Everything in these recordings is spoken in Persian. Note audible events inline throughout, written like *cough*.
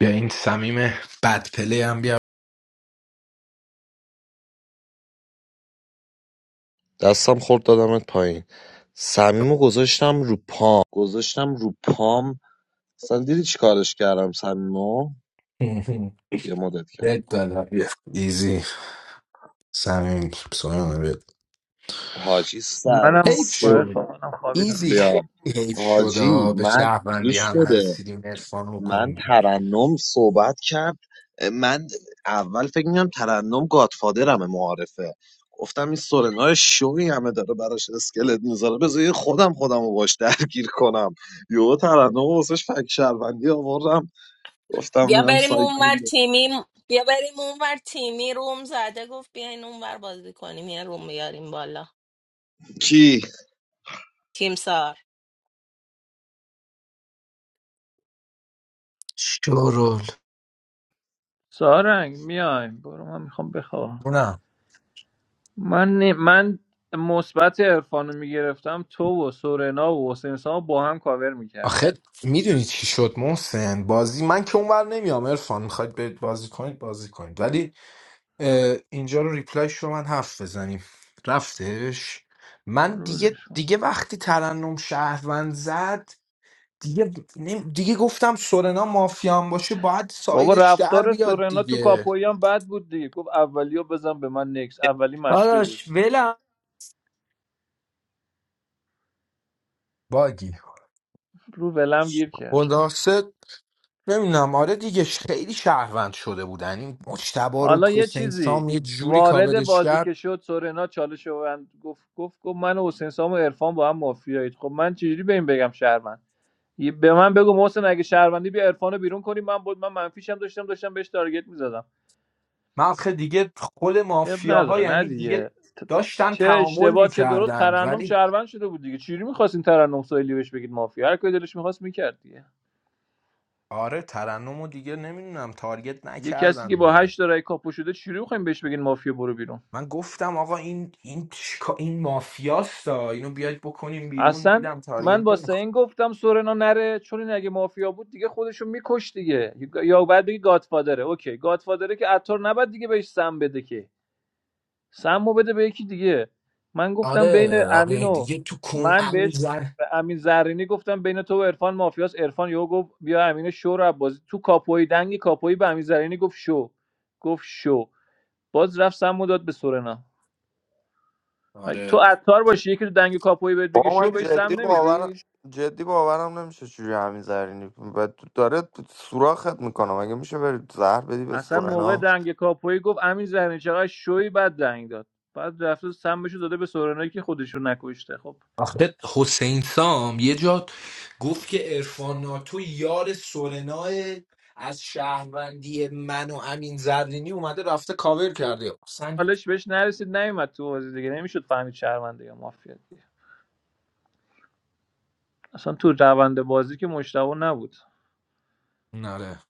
بیا این سمیم بد پلی هم بیا دستم خورد دادمت پایین صمیمو گذاشتم رو پام گذاشتم رو پام اصلا دیدی چی کارش کردم صمیمو *laughs* یه مدت دل کردم دادم بیا ایزی سمیم سویانه بیا حاجی سر منم حیف مود کن سو شد عرفان، منم خوابیدم ایزی بیا خیلی حیف شد حاجی آه. به من شهروندی گوش هم بده رسیدیم ارفان رو من کنیم بیرون ترنم صحبت کرد من اول فکر میکنم ترنم گادفادرمه معارفه گفتم این سورنا شوی همه داره براش اسکلت میذاره بذار یه خودم خودم رو باش درگیر کنم یهو ترنم واسش فک شهروندی آوردم گفتم بیا میرم بریم سایت اونور میگیرم تیمی بیا بریم اونور تیمی روم زده گفت بیاین اونور بازی کنیم یه روم بیاریم بالا کی تیم سار Show all. سارنگ میایم برو من میخوام بخوابم نه. من نی- من مثبت عرفان رو میگرفتم تو و سورنا و حسین سام رو با هم کاور میکردم آخه میدونی چی شد محسن بازی من که اونور نمیام ارفان میخواید برید بازی کنید بازی کنید ولی اه، اینجا رو ریپلای رو من هفت بزنیم رفتش من آره دیگه ولش کن. دیگه وقتی ترنم شهروند زد دیگه نمی- دیگه گفتم سورنا مافیان باشه باید بابا سایدش در رفتار بیاد سورنا تو دیگه کاپویی هم بد بود دیگه گفت اولی بزن به من نکس اولی مشقی بود Alash, well, باگی رو ولم گیر کرد خلاصه نمیدونم آره دیگه ش- خیلی شهروند شده بودن این مجتبا رو حالا یه حسین چیزی سام یه جوری وارد کاورش بازی کرد که شد سورنا چالش رو بند- گفت گفت گفت من و حسین سام و عرفان با هم مافیایید خب من چجوری به این بگم شهروند یه- به من بگو محسن اگه شهروندی بیا عرفانو بیرون کنیم من بود من منفیشم داشتم داشتم بهش تارگت میزدم من آخه دیگه خود اب مافیاها نداره نه یعنی دیگه دیگه ت- داشتن چه تعامل اشتباه چه درست میکردن ترنم ولی شهروند شده بود دیگه چجوری میخواستین ترنم سایلی بهش بگید مافیا هر کاری دلش میخواست میکرد دیگه آره ترنم و دیگه نمیدونم تارگت یه کسی که نکردم با دیگه هشت تا رای کاپو شده چجوری میخوایم بهش بگین مافیا برو بیرون من گفتم آقا این این چیکار- این مافیاستا اینو بیاید بکنیم بیرون اصلا دیدم من تارگت با نمیخواد سین گفتم سورنا نره چون این اگه مافیا بود دیگه خودشو میکش دیگه یا بعد بگی گادفادره اوکی گادفادره که عطار نباید دیگه بهش سم بده که سمو بده به یکی دیگه من گفتم بین آره امین آره و دیگه تو کن من بهش زر به امین زرینی گفتم بین تو و عرفان مافیاس عرفان یهو گفت بیا امین شو رو بازی تو کاپوی دنگی کاپوی به امین زرینی گفت شو گفت شو باز رفت سمو داد به سورنا تو آره عطار باشی یکی تو دنگ کاپوی بهت بگه با شو من بهش جدی سم باورم نمیدی جدی باورم نمیشه چجوری همین زرینی و داره سوراخت میکنه مگه میشه بری زهر بدی به اصلا موقع سورنا دنگ کاپوی گفت امین زرینی چقدر شوی بعد دنگ داد بعد رفت سمشو داده به سورنایی که خودشون نکشته خب آخه حسین سام یه جا گفت که عرفان ناتو یار سورنا از شهروندی من و امین زرینی اومده رفته کاور کرده اصلا حالش بهش نرسید نیومد تو بازی دیگه نمیشد فهمید شهرونده یا مافیا دیگه اصلا تو روند بازی که مشتبه نبود آره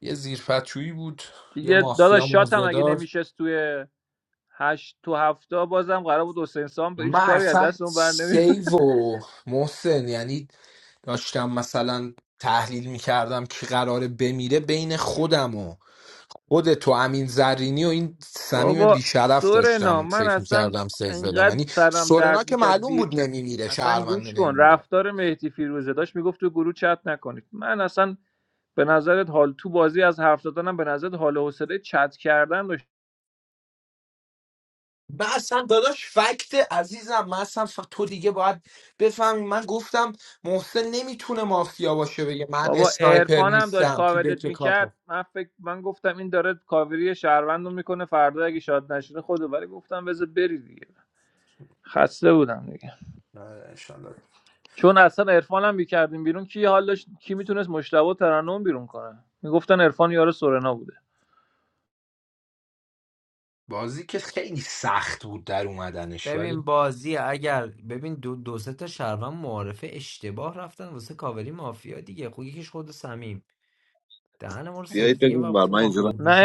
یه زیرفچویی بود یه دیگه مافیا داداش شات هم اگه مزدار نمیشست توی هشت تو هفته بازم قرار بود حسین سام به من هیچ کاری از اصلا دست اون بر نمی سیو و محسن یعنی داشتم مثلا تحلیل میکردم که قراره بمیره بین خودم و خودت و امین زرینی و این *laughs* صمیم بابا بیشرف سورنا داشتم من فکر اصلا میکردم سیف بدم اینقدر یعنی سرم سورنا درد که میکرد معلوم بی... بود نمیمیره اصلا شهرونده گوش کن نمیمیره رفتار مهدی فیروزه داشت میگفت تو گروه چت نکنید من اصلا به نظرت حال تو بازی از حرف زدنم به نظرت حال و حوصله چت کردن من اصلا داداش فکت عزیزم من اصلا ف... تو دیگه باید بفهمی من گفتم محسن نمیتونه مافیا باشه بگه من بابا اسنایپر عرفان هم داشت نیستم تو کاورت دکه میکرد کاتو من فکر من گفتم این داره کاوری شهروند رو میکنه فردا اگه شاد نشینه خودو ولی گفتم بذار بری دیگه خسته بودم دیگه چون اصلا عرفان هم میکردیم بیرون کی حالش کی میتونست مشتبه ترنم بیرون کنه میگفتن عرفان یار سورنا بوده بازی که خیلی سخت بود در اومدنش ولی I'm. Let's see the game. If let's see two friends of Sharvan know each other. They came to the house. They were a little mafia. I think the guy who is the most famous. The one who is بیایید the بگم بر من most اینجا نه famous.